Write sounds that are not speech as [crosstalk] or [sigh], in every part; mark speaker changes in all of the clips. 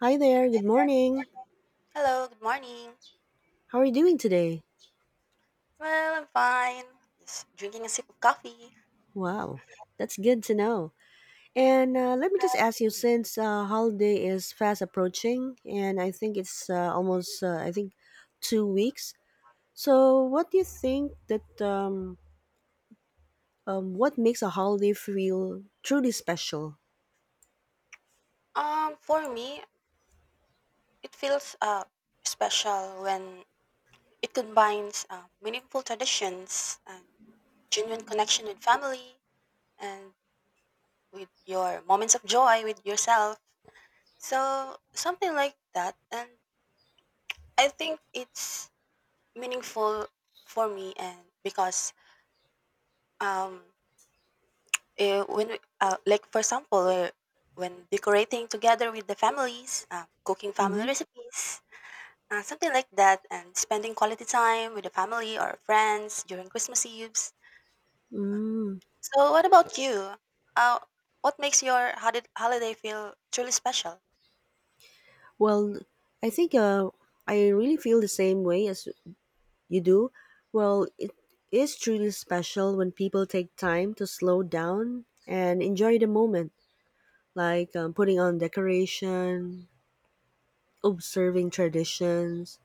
Speaker 1: Hi there, good morning.
Speaker 2: Hello, good morning.
Speaker 1: How are you doing today?
Speaker 2: Well, I'm fine. Just drinking a sip of coffee.
Speaker 1: Wow, that's good to know. And let me just ask you, since holiday is fast approaching, and I think it's almost, I think, 2 weeks. So, what do you think what makes a holiday feel truly special?
Speaker 2: For me, it feels special when it combines meaningful traditions and genuine connection with family and with your moments of joy with yourself. So something like that, and I think it's meaningful for me, and because um when we, like for example when decorating together with the families, cooking family
Speaker 1: Mm-hmm.
Speaker 2: recipes, something like that, and spending quality time with the family or friends during Christmas eves. Uh,
Speaker 1: Mm.
Speaker 2: so what about you? uh, what makes your holiday feel truly special?
Speaker 1: Well, I think I really feel the same way as you do? Well, it is truly special when people take time to slow down and enjoy the moment, like putting on decoration, observing traditions,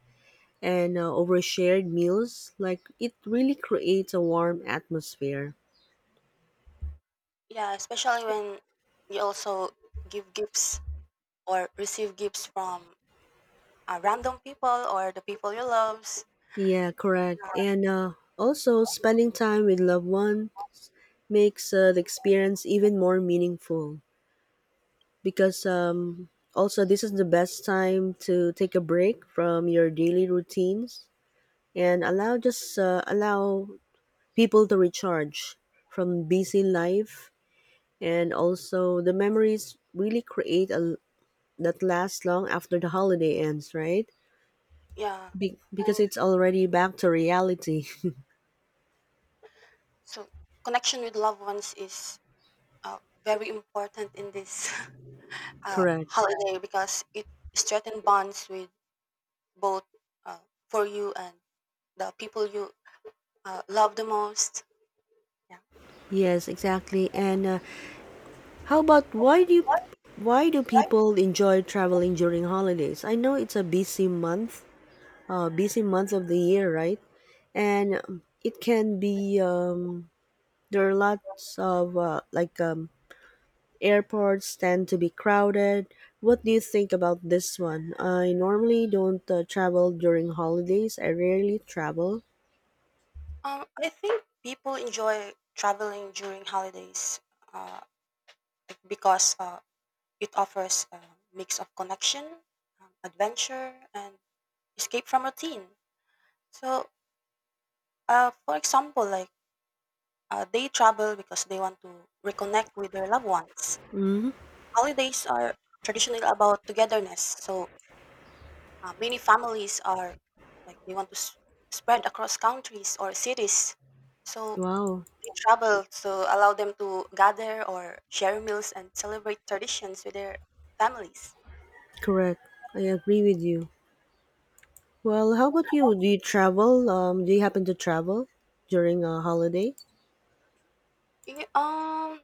Speaker 1: and over shared meals. Like it really creates a warm atmosphere.
Speaker 2: Yeah, especially when you also give gifts or receive gifts from random people or the people you love.
Speaker 1: Yeah, correct. And also, spending time with loved one makes the experience even more meaningful, because also this is the best time to take a break from your daily routines and allow people to recharge from busy life, and also the memories really create a that lasts long after the holiday ends, right?
Speaker 2: Yeah.
Speaker 1: Because
Speaker 2: And
Speaker 1: it's already back to reality.
Speaker 2: so connection with loved ones is uh, very important in this [laughs]
Speaker 1: [laughs] Correct.
Speaker 2: holiday, because it strengthens bonds with both, uh, for you and the people you love the most. Yeah.
Speaker 1: Yes, exactly. And how about, why do people enjoy traveling during holidays? I know it's a busy month, busy months of the year, right? And it can be there are lots of like airports tend to be crowded. What do you think about this one? I normally don't travel during holidays. I rarely travel.
Speaker 2: I think people enjoy traveling during holidays, uh, like because it offers a mix of connection, adventure, and escape from routine. So, for example, like they travel because they want to reconnect with their loved ones.
Speaker 1: Hmm.
Speaker 2: Holidays are traditionally about togetherness. So many families are, like, they want to spread across countries or cities. So
Speaker 1: Wow,
Speaker 2: they travel to allow them to gather or share meals and celebrate traditions with their families.
Speaker 1: correct. I agree with you. Well, how about you? Do you travel? Do you happen to travel during a holiday?
Speaker 2: Y- Um,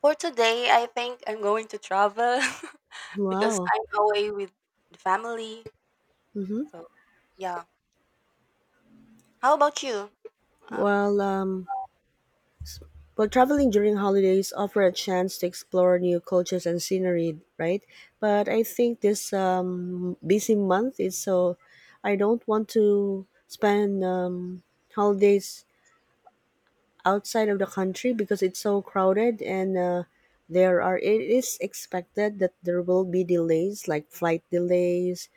Speaker 2: for today, I think I'm going to travel [laughs] because
Speaker 1: Wow.
Speaker 2: I'm away with the family.
Speaker 1: Mm-hmm.
Speaker 2: So yeah. How about you? Uh,
Speaker 1: Well, um, Well, traveling during holidays offer a chance to explore new cultures and scenery, right? But I think this busy month is so I don't want to spend holidays outside of the country because it's so crowded, and there are it is expected that there will be delays like flight delays,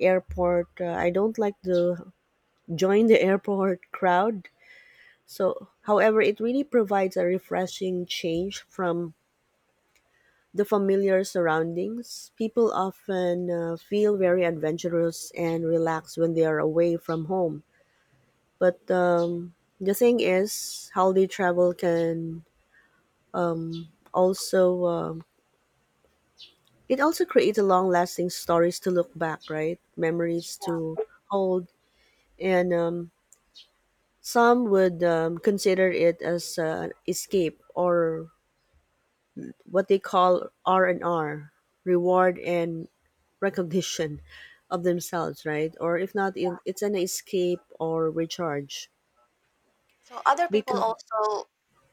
Speaker 1: airport. I don't like to join the [laughs] airport crowd. So, however, it really provides a refreshing change from the familiar surroundings. People often feel very adventurous and relaxed when they are away from home. But the thing is, holiday travel can also it also creates a long-lasting stories to look back, right? Memories to hold, and some would consider it as an escape, or what they call R&R, reward and recognition of themselves, right? Or if not, it's an escape or recharge.
Speaker 2: So other people
Speaker 1: Because.
Speaker 2: also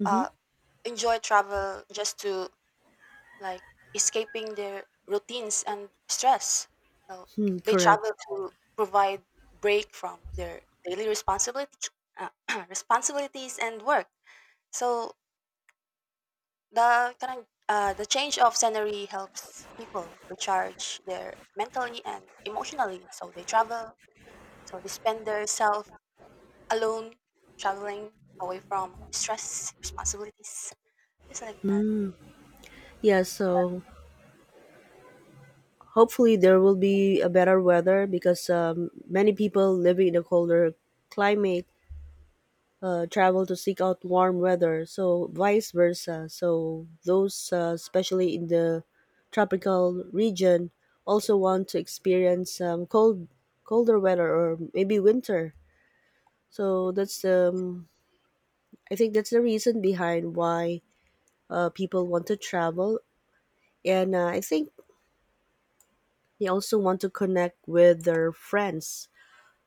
Speaker 2: uh, enjoy travel just to, like, escaping their routines and stress. So
Speaker 1: Hmm,
Speaker 2: they
Speaker 1: correct.
Speaker 2: travel to provide break from their daily responsibilities, uh, [clears throat] responsibilities and work. So the kind of, the change of scenery helps people recharge their mentally and emotionally. So they travel, so they spend their self alone traveling away from stress responsibilities. It's like that.
Speaker 1: Yeah. So hopefully there will be a better weather, because many people living in a colder climate travel to seek out warm weather. So vice versa. So those, especially in the tropical region, also want to experience colder weather or maybe winter. So that's I think that's the reason behind why people want to travel, and I think they also want to connect with their friends,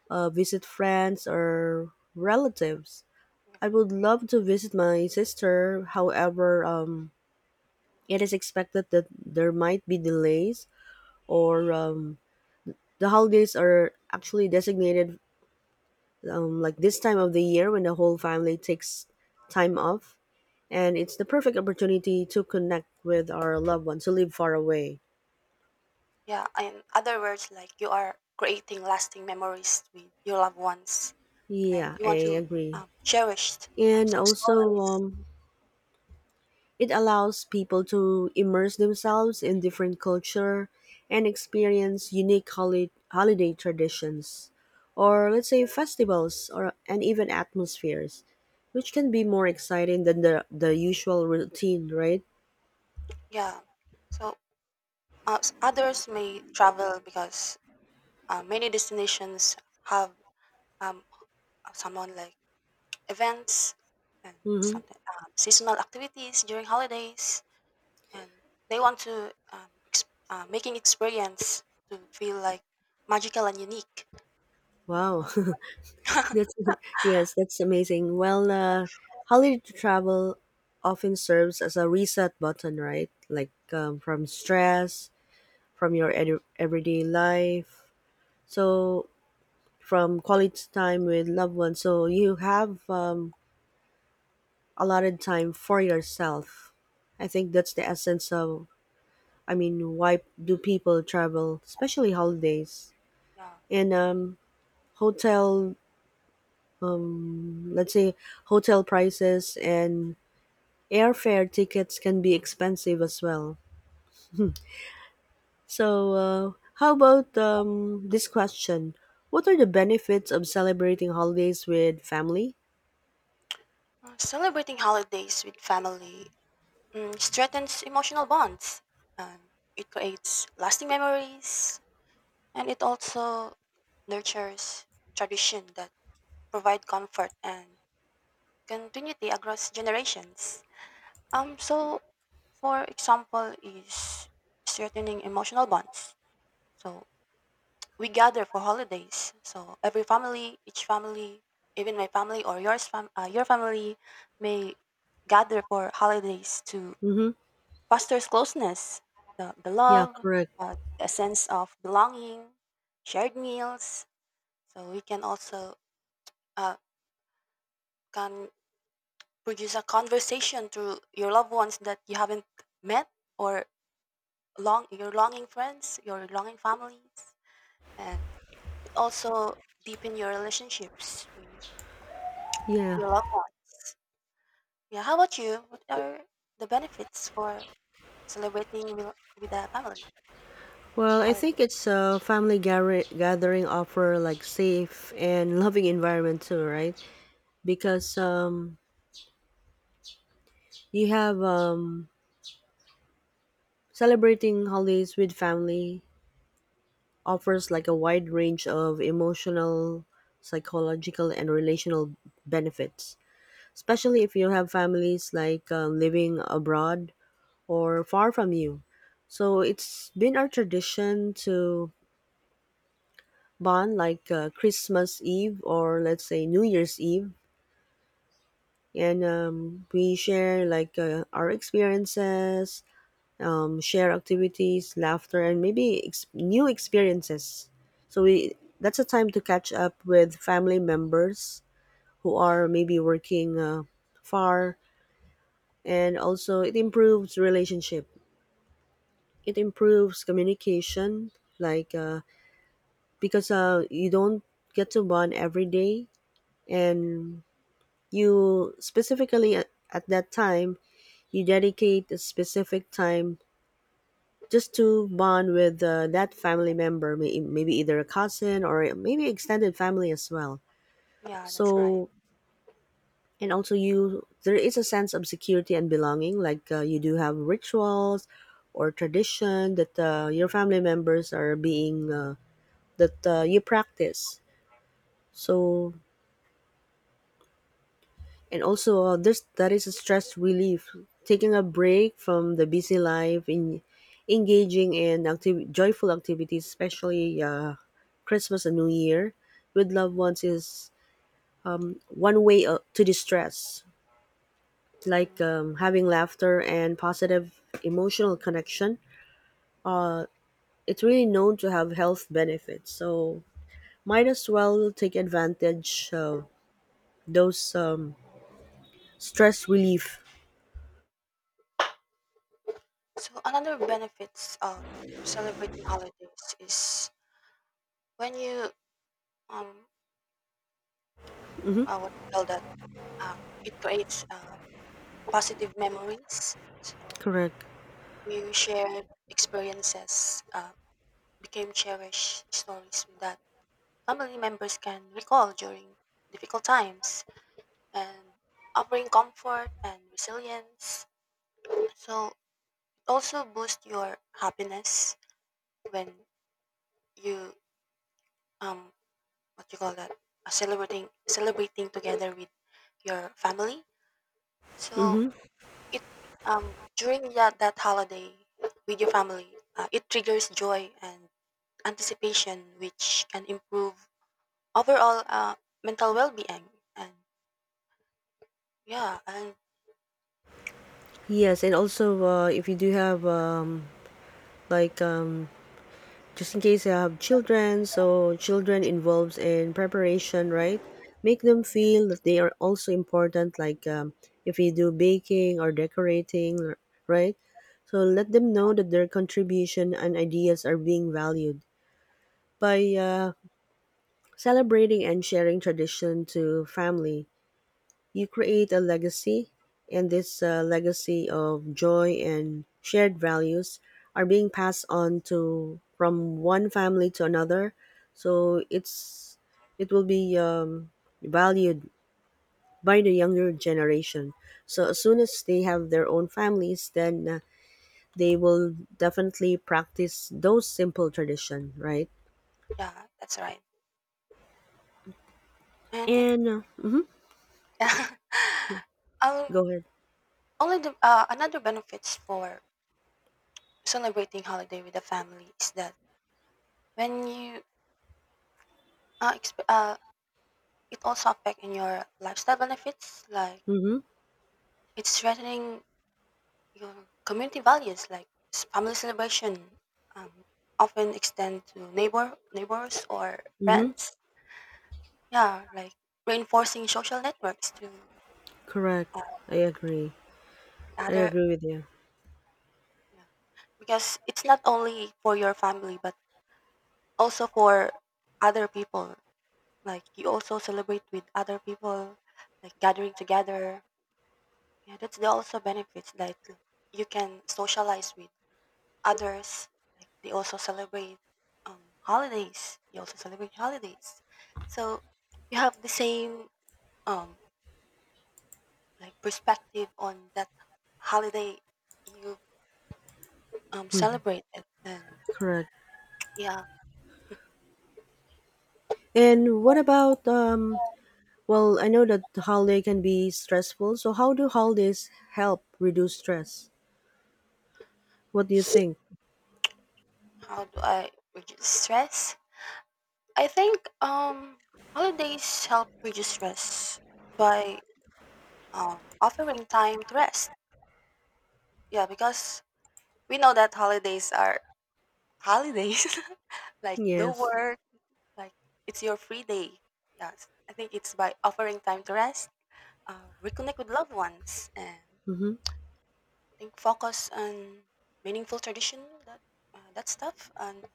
Speaker 1: visit friends or relatives. I would love to visit my sister. However, it is expected that there might be delays, or the holidays are actually designated like this time of the year when the whole family takes time off. And it's the perfect opportunity to connect with our loved ones who live far away.
Speaker 2: Yeah, in other words, like you are creating lasting memories with your loved ones, and
Speaker 1: Yeah,
Speaker 2: you want
Speaker 1: I
Speaker 2: to
Speaker 1: agree.
Speaker 2: cherish
Speaker 1: And
Speaker 2: some
Speaker 1: also,
Speaker 2: stories.
Speaker 1: it allows people to immerse themselves in different culture and experience unique holiday traditions, or let's say festivals or and even atmospheres which can be more exciting than the usual routine, right?
Speaker 2: Yeah. So others may travel because many destinations have um, someone like events and
Speaker 1: Mm-hmm.
Speaker 2: something, seasonal activities during holidays, and they want to making experience to feel like magical and unique.
Speaker 1: Wow.
Speaker 2: So
Speaker 1: [laughs]
Speaker 2: [laughs]
Speaker 1: that's Yes, that's amazing. Well, holiday travel often serves as a reset button, right? Like from stress, from your everyday life. So from quality time with loved ones, so you have a lot of time for yourself. I think that's the essence of, I mean, why do people travel, especially holidays.
Speaker 2: yeah.
Speaker 1: And hotel, let's say, hotel prices and airfare tickets can be expensive as well. So how about this question: what are the benefits of celebrating holidays with family?
Speaker 2: Celebrating holidays with family, mm, strengthens emotional bonds, and it creates lasting memories, and it also nurtures tradition that provide comfort and continuity across generations. So for example is strengthening emotional bonds. So we gather for holidays. So every family, each family, even my family or your family may gather for holidays to
Speaker 1: Mm-hmm.
Speaker 2: fosters closeness, the
Speaker 1: Yeah,
Speaker 2: love,
Speaker 1: correct.
Speaker 2: a sense of belonging, shared meals. So we can also, uh, can produce a conversation to your loved ones that you haven't met, or long your longing friends, your longing families, and it also deepen your relationships with
Speaker 1: Yeah.
Speaker 2: your loved ones. Yeah, how about you? What are the benefits for celebrating with the family
Speaker 1: Well, I think
Speaker 2: holidays?
Speaker 1: it's a family gathering offer like safe and [laughs] loving environment too, right? Because you have celebrating holidays with family offers like a wide range of emotional, psychological, and relational benefits, especially if you have families like living abroad or far from you. So it's been our tradition to bond like Christmas Eve or, let's say, New Year's Eve, and we share like our experiences, share activities, laughter, and maybe new experiences. So we that's a time to catch up with family members who are maybe working, far. And also it improves relationship. It improves communication, like, because you don't get to bond every day, and you specifically, at that time, you dedicate a specific time just to bond with that family member, maybe either a cousin or maybe extended family as well.
Speaker 2: Yeah, that's right.
Speaker 1: So, and also, there is a sense of security and belonging, like you do have rituals or tradition that your family members are being, that you practice. So, and also, this that is a stress relief. Taking a break from the busy life in engaging in joyful activities, especially Christmas and New Year, with loved ones is one way to distress. Like
Speaker 2: Mhm.
Speaker 1: having laughter and positive emotional connection. Uh, it's really known to have health benefits. So might as well take advantage of those stress relief.
Speaker 2: So another benefits of celebrating holidays is when you um
Speaker 1: Hmm.
Speaker 2: what you call that, uh, it creates positive memories. So
Speaker 1: Correct.
Speaker 2: you shared experiences, became cherished stories that family members can recall during difficult times and offering comfort and resilience. So it also boosts your happiness when you um what you call that, celebrating together with your family. So
Speaker 1: Mm-hmm.
Speaker 2: it, during that, that holiday with your family, it triggers joy and anticipation, which can improve overall mental well-being. And yeah. And
Speaker 1: Yes, and also if you do have like just in case you have children, so children involves in preparation, right? Make them feel that they are also important. Like if you do baking or decorating, right? So let them know that their contribution and ideas are being valued by celebrating and sharing tradition to family. You create a legacy, and this legacy of joy and shared values are being passed on to from one family to another. So it will be valued by the younger generation. So as soon as they have their own families, then they will definitely practice those simple tradition, right?
Speaker 2: yeah, that's right. And it
Speaker 1: And uh, mm,
Speaker 2: [laughs] yeah. um
Speaker 1: Go ahead.
Speaker 2: Only the, another benefits for celebrating holiday with the family is that when you uh, exp- uh it also affect in your lifestyle benefits, like
Speaker 1: Mm-hmm.
Speaker 2: it's threatening your community values, like family celebration um, often extend to neighbors or
Speaker 1: Mm-hmm.
Speaker 2: friends, yeah, like reinforcing social networks to,
Speaker 1: Correct.
Speaker 2: uh,
Speaker 1: I agree.
Speaker 2: the
Speaker 1: I
Speaker 2: other.
Speaker 1: agree with you.
Speaker 2: Yeah. Because it's not only for your family, but also for other people. Like, you also celebrate with other people, like gathering together. Yeah, that's the also benefits, that you can socialize with others, like, they also celebrate holidays. They also celebrate holidays. So you have the same um, like perspective on that holiday you
Speaker 1: [laughs]
Speaker 2: celebrated. And
Speaker 1: Correct.
Speaker 2: yeah,
Speaker 1: And what about well, I know that the holiday can be stressful. So how do holidays help reduce stress? What do you think?
Speaker 2: how do I reduce stress? I think holidays help reduce stress by offering time to rest. Yeah, because we know that holidays are holidays, [laughs] like no
Speaker 1: Yes.
Speaker 2: work. Like, it's your free day. Yes, I think it's by offering time to rest, reconnect with loved ones, and
Speaker 1: Mhm.
Speaker 2: I think focus on meaningful tradition, that that stuff, and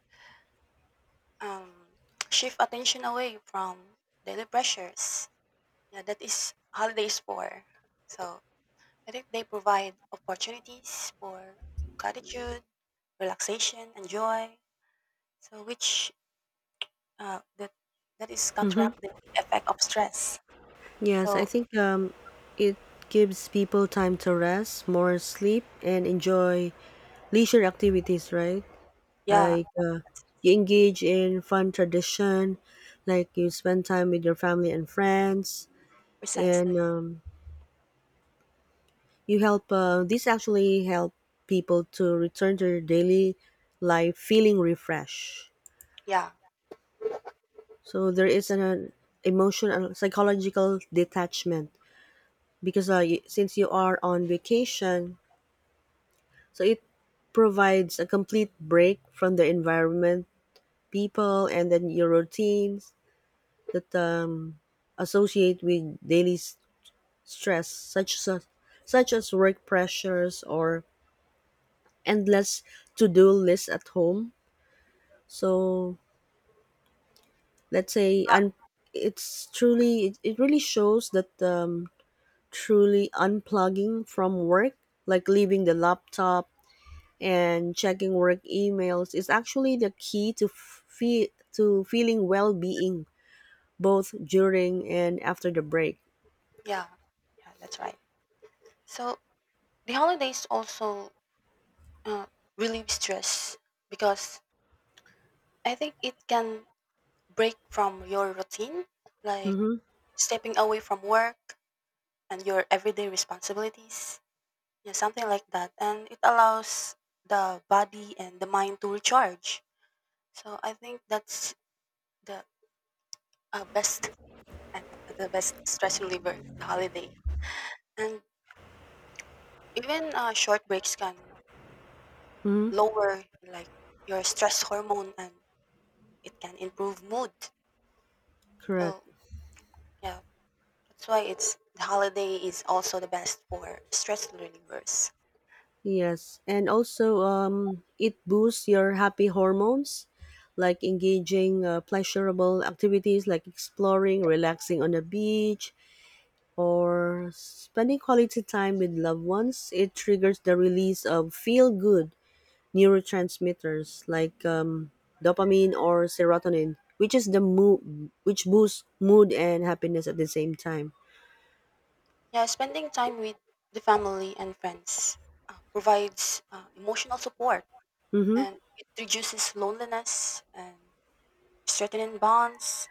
Speaker 2: um, shift attention away from daily pressures. Yeah, that is holidays for. So I think they provide opportunities for gratitude, relaxation, and joy. So which, that that is
Speaker 1: Mhm.
Speaker 2: counteract the effect of stress.
Speaker 1: Yes, I
Speaker 2: So
Speaker 1: think it gives people time to rest, more sleep, and enjoy leisure activities, right?
Speaker 2: yeah.
Speaker 1: Like you engage in fun tradition, like you spend time with your family and friends, and
Speaker 2: Precisely.
Speaker 1: you help this actually help people to return to their daily life feeling refreshed.
Speaker 2: Yeah,
Speaker 1: So there is an emotional psychological detachment, because since you are on vacation, so it provides a complete break from the environment, people, and then your routines that associate with daily stress, such as work pressures or endless to-do lists at home. So, let's say, and it really shows that truly unplugging from work, like leaving the laptop and checking work emails, is actually the key to feeling well being both during and after the break.
Speaker 2: yeah, yeah, that's right. So the holidays also uh, relieve stress, because I think it can break from your routine, like
Speaker 1: Mm-hmm.
Speaker 2: stepping away from work and your everyday responsibilities, yeah, something like that. And it allows the body and the mind to recharge. So I think that's the, best. I think the best stress reliever, the holiday, and even short breaks can
Speaker 1: Mm-hmm.
Speaker 2: lower, like, your stress hormone and it can improve mood.
Speaker 1: Correct.
Speaker 2: So, yeah, that's why it's the holiday is also the best for stress relievers.
Speaker 1: Yes, and also it boosts your happy hormones, like engaging pleasurable activities like exploring, relaxing on the beach, or spending quality time with loved ones. It triggers the release of feel good neurotransmitters like dopamine or serotonin, which is the mood, which boosts mood and happiness at the same time.
Speaker 2: Yeah, spending time with the family and friends provides emotional support,
Speaker 1: Mm-hmm.
Speaker 2: and it reduces loneliness and strengthening bonds.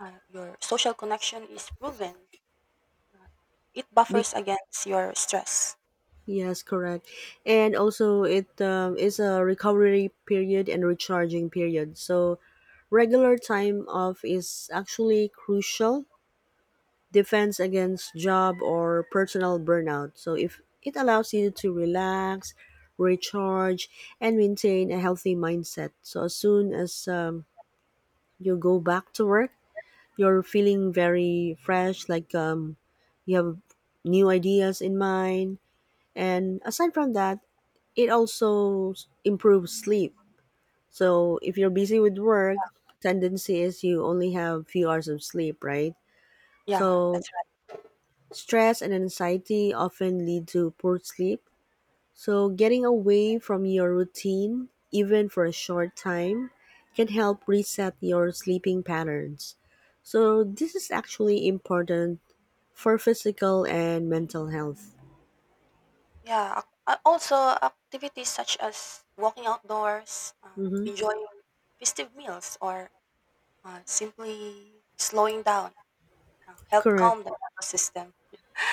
Speaker 2: Your social connection is proven. Uh, it buffers against your stress.
Speaker 1: Yes, correct. And also, it is a recovery period and recharging period. So regular time off is actually crucial defense against job or personal burnout. So, if it allows you to relax, recharge, and maintain a healthy mindset. So, as soon as you go back to work, you're feeling very fresh, like you have new ideas in mind. And aside from that, it also improves sleep. So if you're busy with work, tendency is you only have few hours of sleep, right?
Speaker 2: Yeah,
Speaker 1: So
Speaker 2: that's,
Speaker 1: stress and anxiety often lead to poor sleep. So getting away from your routine, even for a short time, can help reset your sleeping patterns. So this is actually important for physical and mental health.
Speaker 2: yeah. ac a Also, activities such as walking outdoors,
Speaker 1: Mm-hmm.
Speaker 2: enjoying festive meals, or simply slowing down help
Speaker 1: Correct.
Speaker 2: calm the nervous system.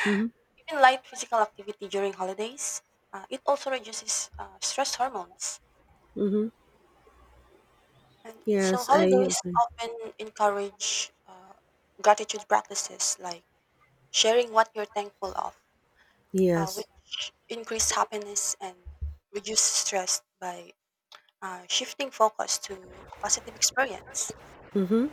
Speaker 1: Mm-hmm.
Speaker 2: Even light physical activity during holidays, it also reduces stress hormones.
Speaker 1: Mm-hmm.
Speaker 2: And so
Speaker 1: Yes, I
Speaker 2: holidays
Speaker 1: agree.
Speaker 2: often encourage gratitude practices, like sharing what you're thankful of,
Speaker 1: Yes.
Speaker 2: which increase happiness and reduce stress by shifting focus to positive experience.
Speaker 1: Mm-hmm.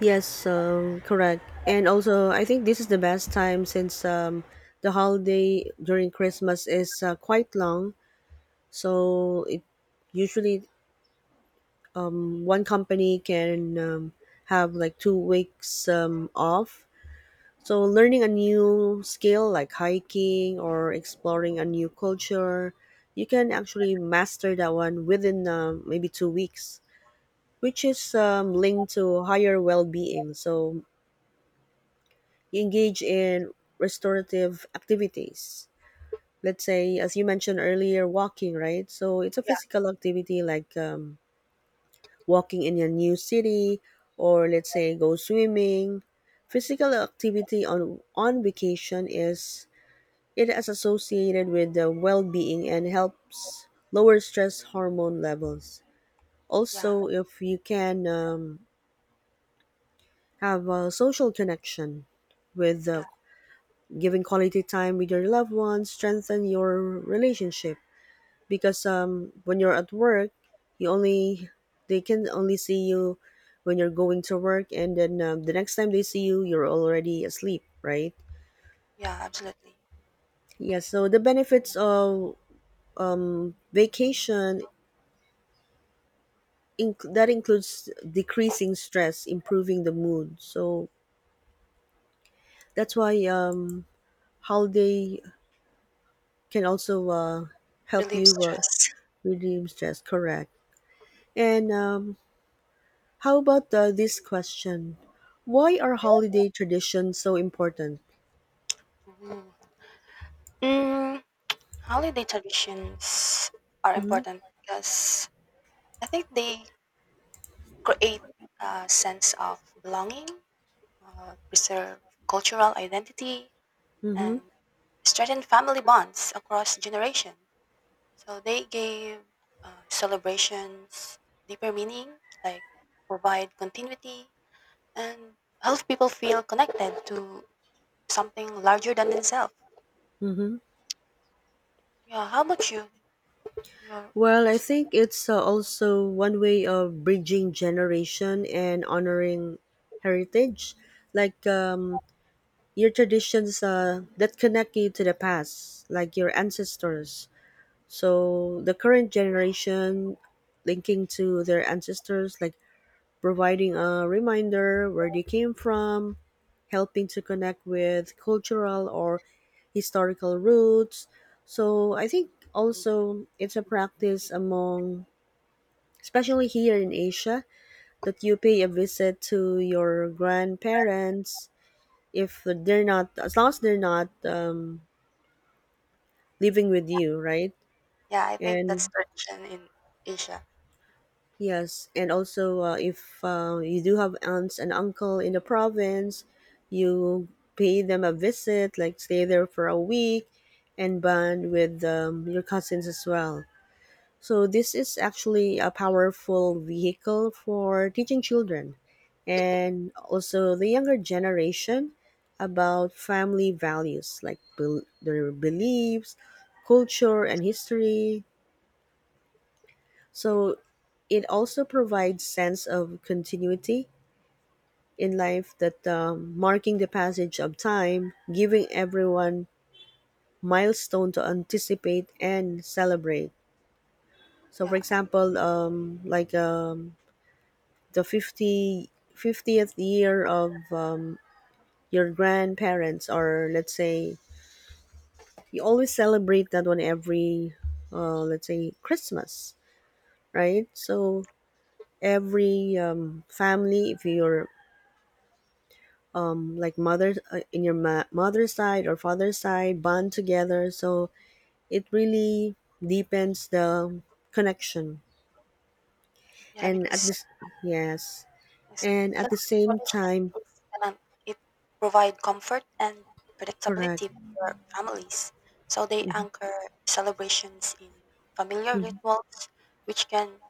Speaker 1: Yes, correct. And also, I think this is the best time, since the holiday during Christmas is quite long. So it usually one company can have like 2 weeks off. So learning a new skill like hiking or exploring a new culture, you can actually master that one within maybe 2 weeks, which is linked to higher well-being. So you engage in restorative activities. Let's say, as you mentioned earlier, walking, right? So it's a
Speaker 2: Yeah,
Speaker 1: physical activity like walking in a new city, or let's say go swimming. Physical activity on vacation is it is associated with the well-being and helps lower stress hormone levels.
Speaker 2: yeah,
Speaker 1: Also, if you can have a social connection with
Speaker 2: yeah,
Speaker 1: giving quality time with your loved ones strengthen your relationship, because when you're at work, you only they can only see you when you're going to work, and then the next time they see you, you're already asleep, right?
Speaker 2: yeah, absolutely.
Speaker 1: Yeah, so the benefits of vacation, that includes decreasing stress, improving the mood, so that's why holiday can also help
Speaker 2: Relieve
Speaker 1: you
Speaker 2: stress.
Speaker 1: reduce stress. Correct. And how about this question? Why are holiday traditions so important?
Speaker 2: Mhm. Mm, holiday traditions are
Speaker 1: Mm-hmm.
Speaker 2: important because I think they create a sense of belonging, preserve cultural identity,
Speaker 1: Mm-hmm.
Speaker 2: and strengthen family bonds across generation. So they gave celebrations deeper meaning, like provide continuity and help people feel connected to something larger than themselves.
Speaker 1: Mm-hmm.
Speaker 2: Yeah, how about you? Your,
Speaker 1: Well, I think it's also one way of bridging generation and honoring heritage, like, your traditions that connect you to the past, like your ancestors. So the current generation linking to their ancestors, like providing a reminder where they came from, helping to connect with cultural or historical roots. So I think also it's a practice among, especially here in Asia, that you pay a visit to your grandparents if they're not, as long as they're not living with you, right?
Speaker 2: yeah, I think that's
Speaker 1: And
Speaker 2: tradition in Asia.
Speaker 1: Yes, and also if you do have aunts and uncle in the province, you pay them a visit, like stay there for a week, and bond with your cousins as well. So this is actually a powerful vehicle for teaching children, and also the younger generation, about family values like their beliefs, culture, and history, so it also provides sense of continuity in life, that marking the passage of time, giving everyone milestone to anticipate and celebrate. So for
Speaker 2: Yeah, and
Speaker 1: example, like, the 50 50th year of your grandparents, or let's say you always celebrate that one every, let's say, Christmas, right? So every family, if you're like mother in your mother's side or father's side bond together, so it really deepens the connection.
Speaker 2: yeah,
Speaker 1: And at this Yes. And at
Speaker 2: because
Speaker 1: the same
Speaker 2: tradition
Speaker 1: time,
Speaker 2: is, um, it provide comfort and
Speaker 1: correct.
Speaker 2: predictability to your families. So they
Speaker 1: Mm-hmm.
Speaker 2: anchor celebrations in familiar
Speaker 1: Mm-hmm.
Speaker 2: rituals, which can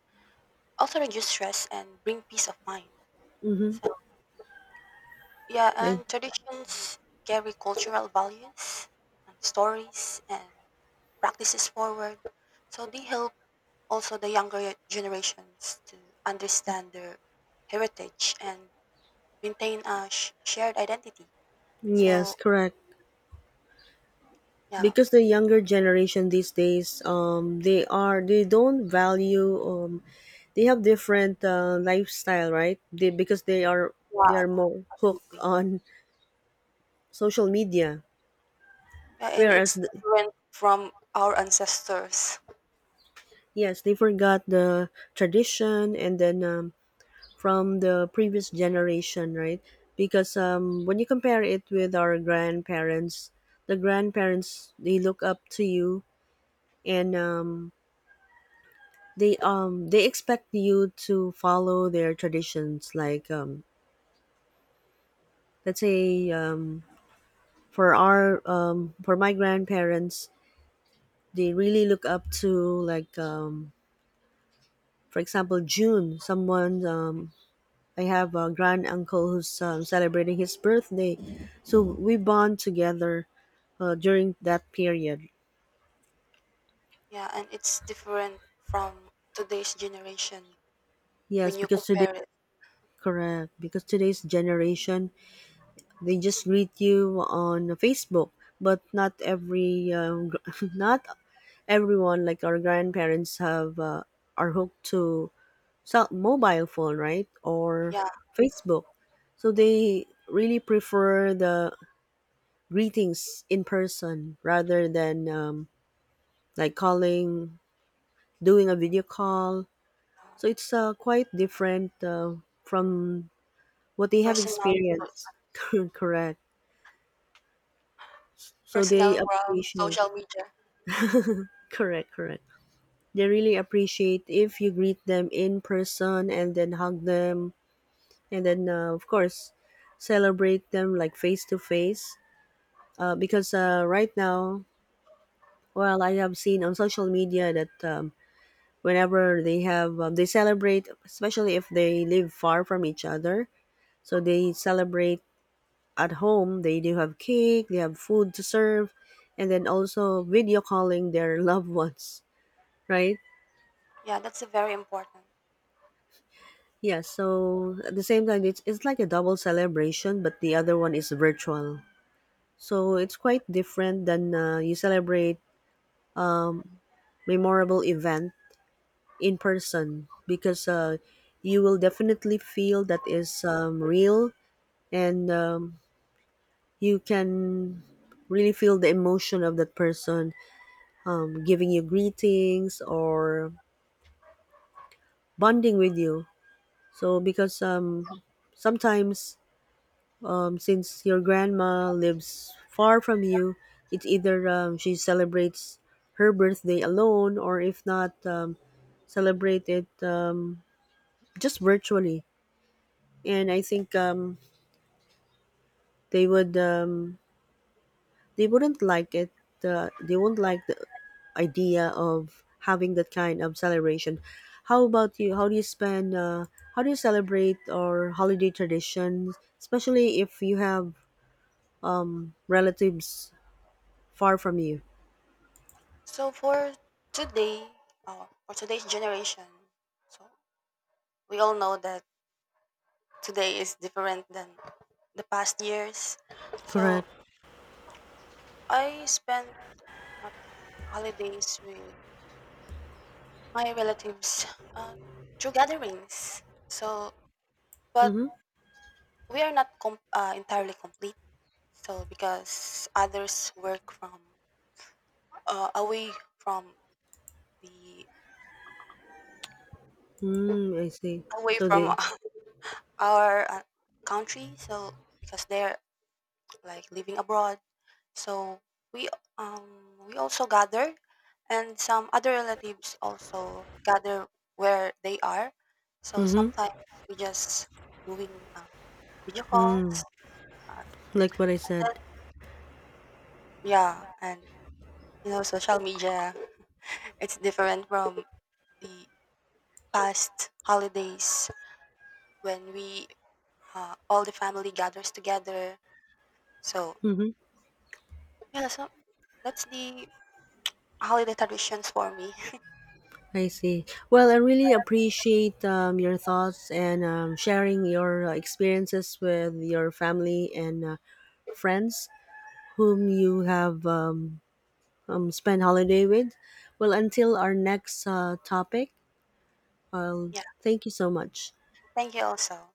Speaker 2: also reduce stress and bring peace of mind.
Speaker 1: Mm-hmm.
Speaker 2: So yeah,
Speaker 1: Like,
Speaker 2: and traditions carry cultural values and stories and practices forward. So they help also the younger generations to understand their heritage and maintain a shared identity.
Speaker 1: yes,
Speaker 2: So
Speaker 1: correct.
Speaker 2: yeah.
Speaker 1: Because the younger generation these days, they don't value, they have different lifestyle, right? they Because they are they
Speaker 2: Yeah,
Speaker 1: are more hooked
Speaker 2: absolutely.
Speaker 1: on social media.
Speaker 2: Yeah, and
Speaker 1: whereas
Speaker 2: it's
Speaker 1: th-
Speaker 2: different from our ancestors.
Speaker 1: Yes, they forgot the tradition, and then from the previous generation, right? Because when you compare it with our grandparents, the grandparents they look up to you, and they expect you to follow their traditions. Like, let's say, for my grandparents, they really look up to, like, for example June, someone, I have a grand uncle who's celebrating his birthday, so we bond together during that period.
Speaker 2: Yeah, and it's different from today's generation
Speaker 1: Yes,
Speaker 2: when you
Speaker 1: because today,
Speaker 2: compare it.
Speaker 1: correct, because today's generation, they just greet you on Facebook, but not every, [laughs] not everyone like our grandparents have are hooked to cell mobile phone, right? Or
Speaker 2: Yeah,
Speaker 1: Facebook. So they really prefer the greetings in person rather than, like, calling, doing a video call. So it's quite different from what they have
Speaker 2: personal
Speaker 1: experienced. [laughs] Correct. So
Speaker 2: personal
Speaker 1: they
Speaker 2: world,
Speaker 1: appreciate.
Speaker 2: social media.
Speaker 1: Correct, correct. They really appreciate if you greet them in person and then hug them, and then, of course, celebrate them like face to face. Because right now, well, I have seen on social media that, whenever they celebrate, especially if they live far from each other. So they celebrate at home. They do have cake, they have food to serve, and then also video calling their [laughs] loved ones, right?
Speaker 2: Yeah, that's very important.
Speaker 1: Yeah, so at the same time, it's like a double celebration, but the other one is virtual. So it's quite different than, you celebrate memorable event in person, because you will definitely feel that is real, and you can really feel the emotion of that person giving you greetings or bonding with you. So because, sometimes, since your grandma lives far from you, it's either she celebrates her birthday alone, or if not celebrate it just virtually. And I think, they would um, they wouldn't like it. They won't like the idea of having that kind of celebration. How about you? How do you spend? How do you celebrate or holiday traditions, especially if you have relatives far from you?
Speaker 2: So for today, or for today's generation, so we all know that today is different than the past years.
Speaker 1: Correct.
Speaker 2: So I spend my holidays with my relatives uh, through gatherings. So, but
Speaker 1: Mm-hmm.
Speaker 2: we are not entirely complete. So because others work from, away from the,
Speaker 1: Mm, I see.
Speaker 2: away
Speaker 1: So
Speaker 2: from
Speaker 1: they.
Speaker 2: [laughs] our, country, so because they're like living abroad, so we, we also gather, and some other relatives also gather where they are. So
Speaker 1: Mm-hmm.
Speaker 2: sometimes we just doing, video
Speaker 1: Mm,
Speaker 2: calls, uh,
Speaker 1: like what I said.
Speaker 2: and, yeah, and you know social media [laughs] it's different from the past holidays when we, all the family gathers together. So
Speaker 1: Mm-hmm.
Speaker 2: yeah, so that's the holiday traditions for me. [laughs]
Speaker 1: I see. Well, I really appreciate your thoughts and sharing your experiences with your family and friends, whom you have spent holiday with. Well, until our next topic, well,
Speaker 2: Yeah.
Speaker 1: thank you so much.
Speaker 2: Thank you also.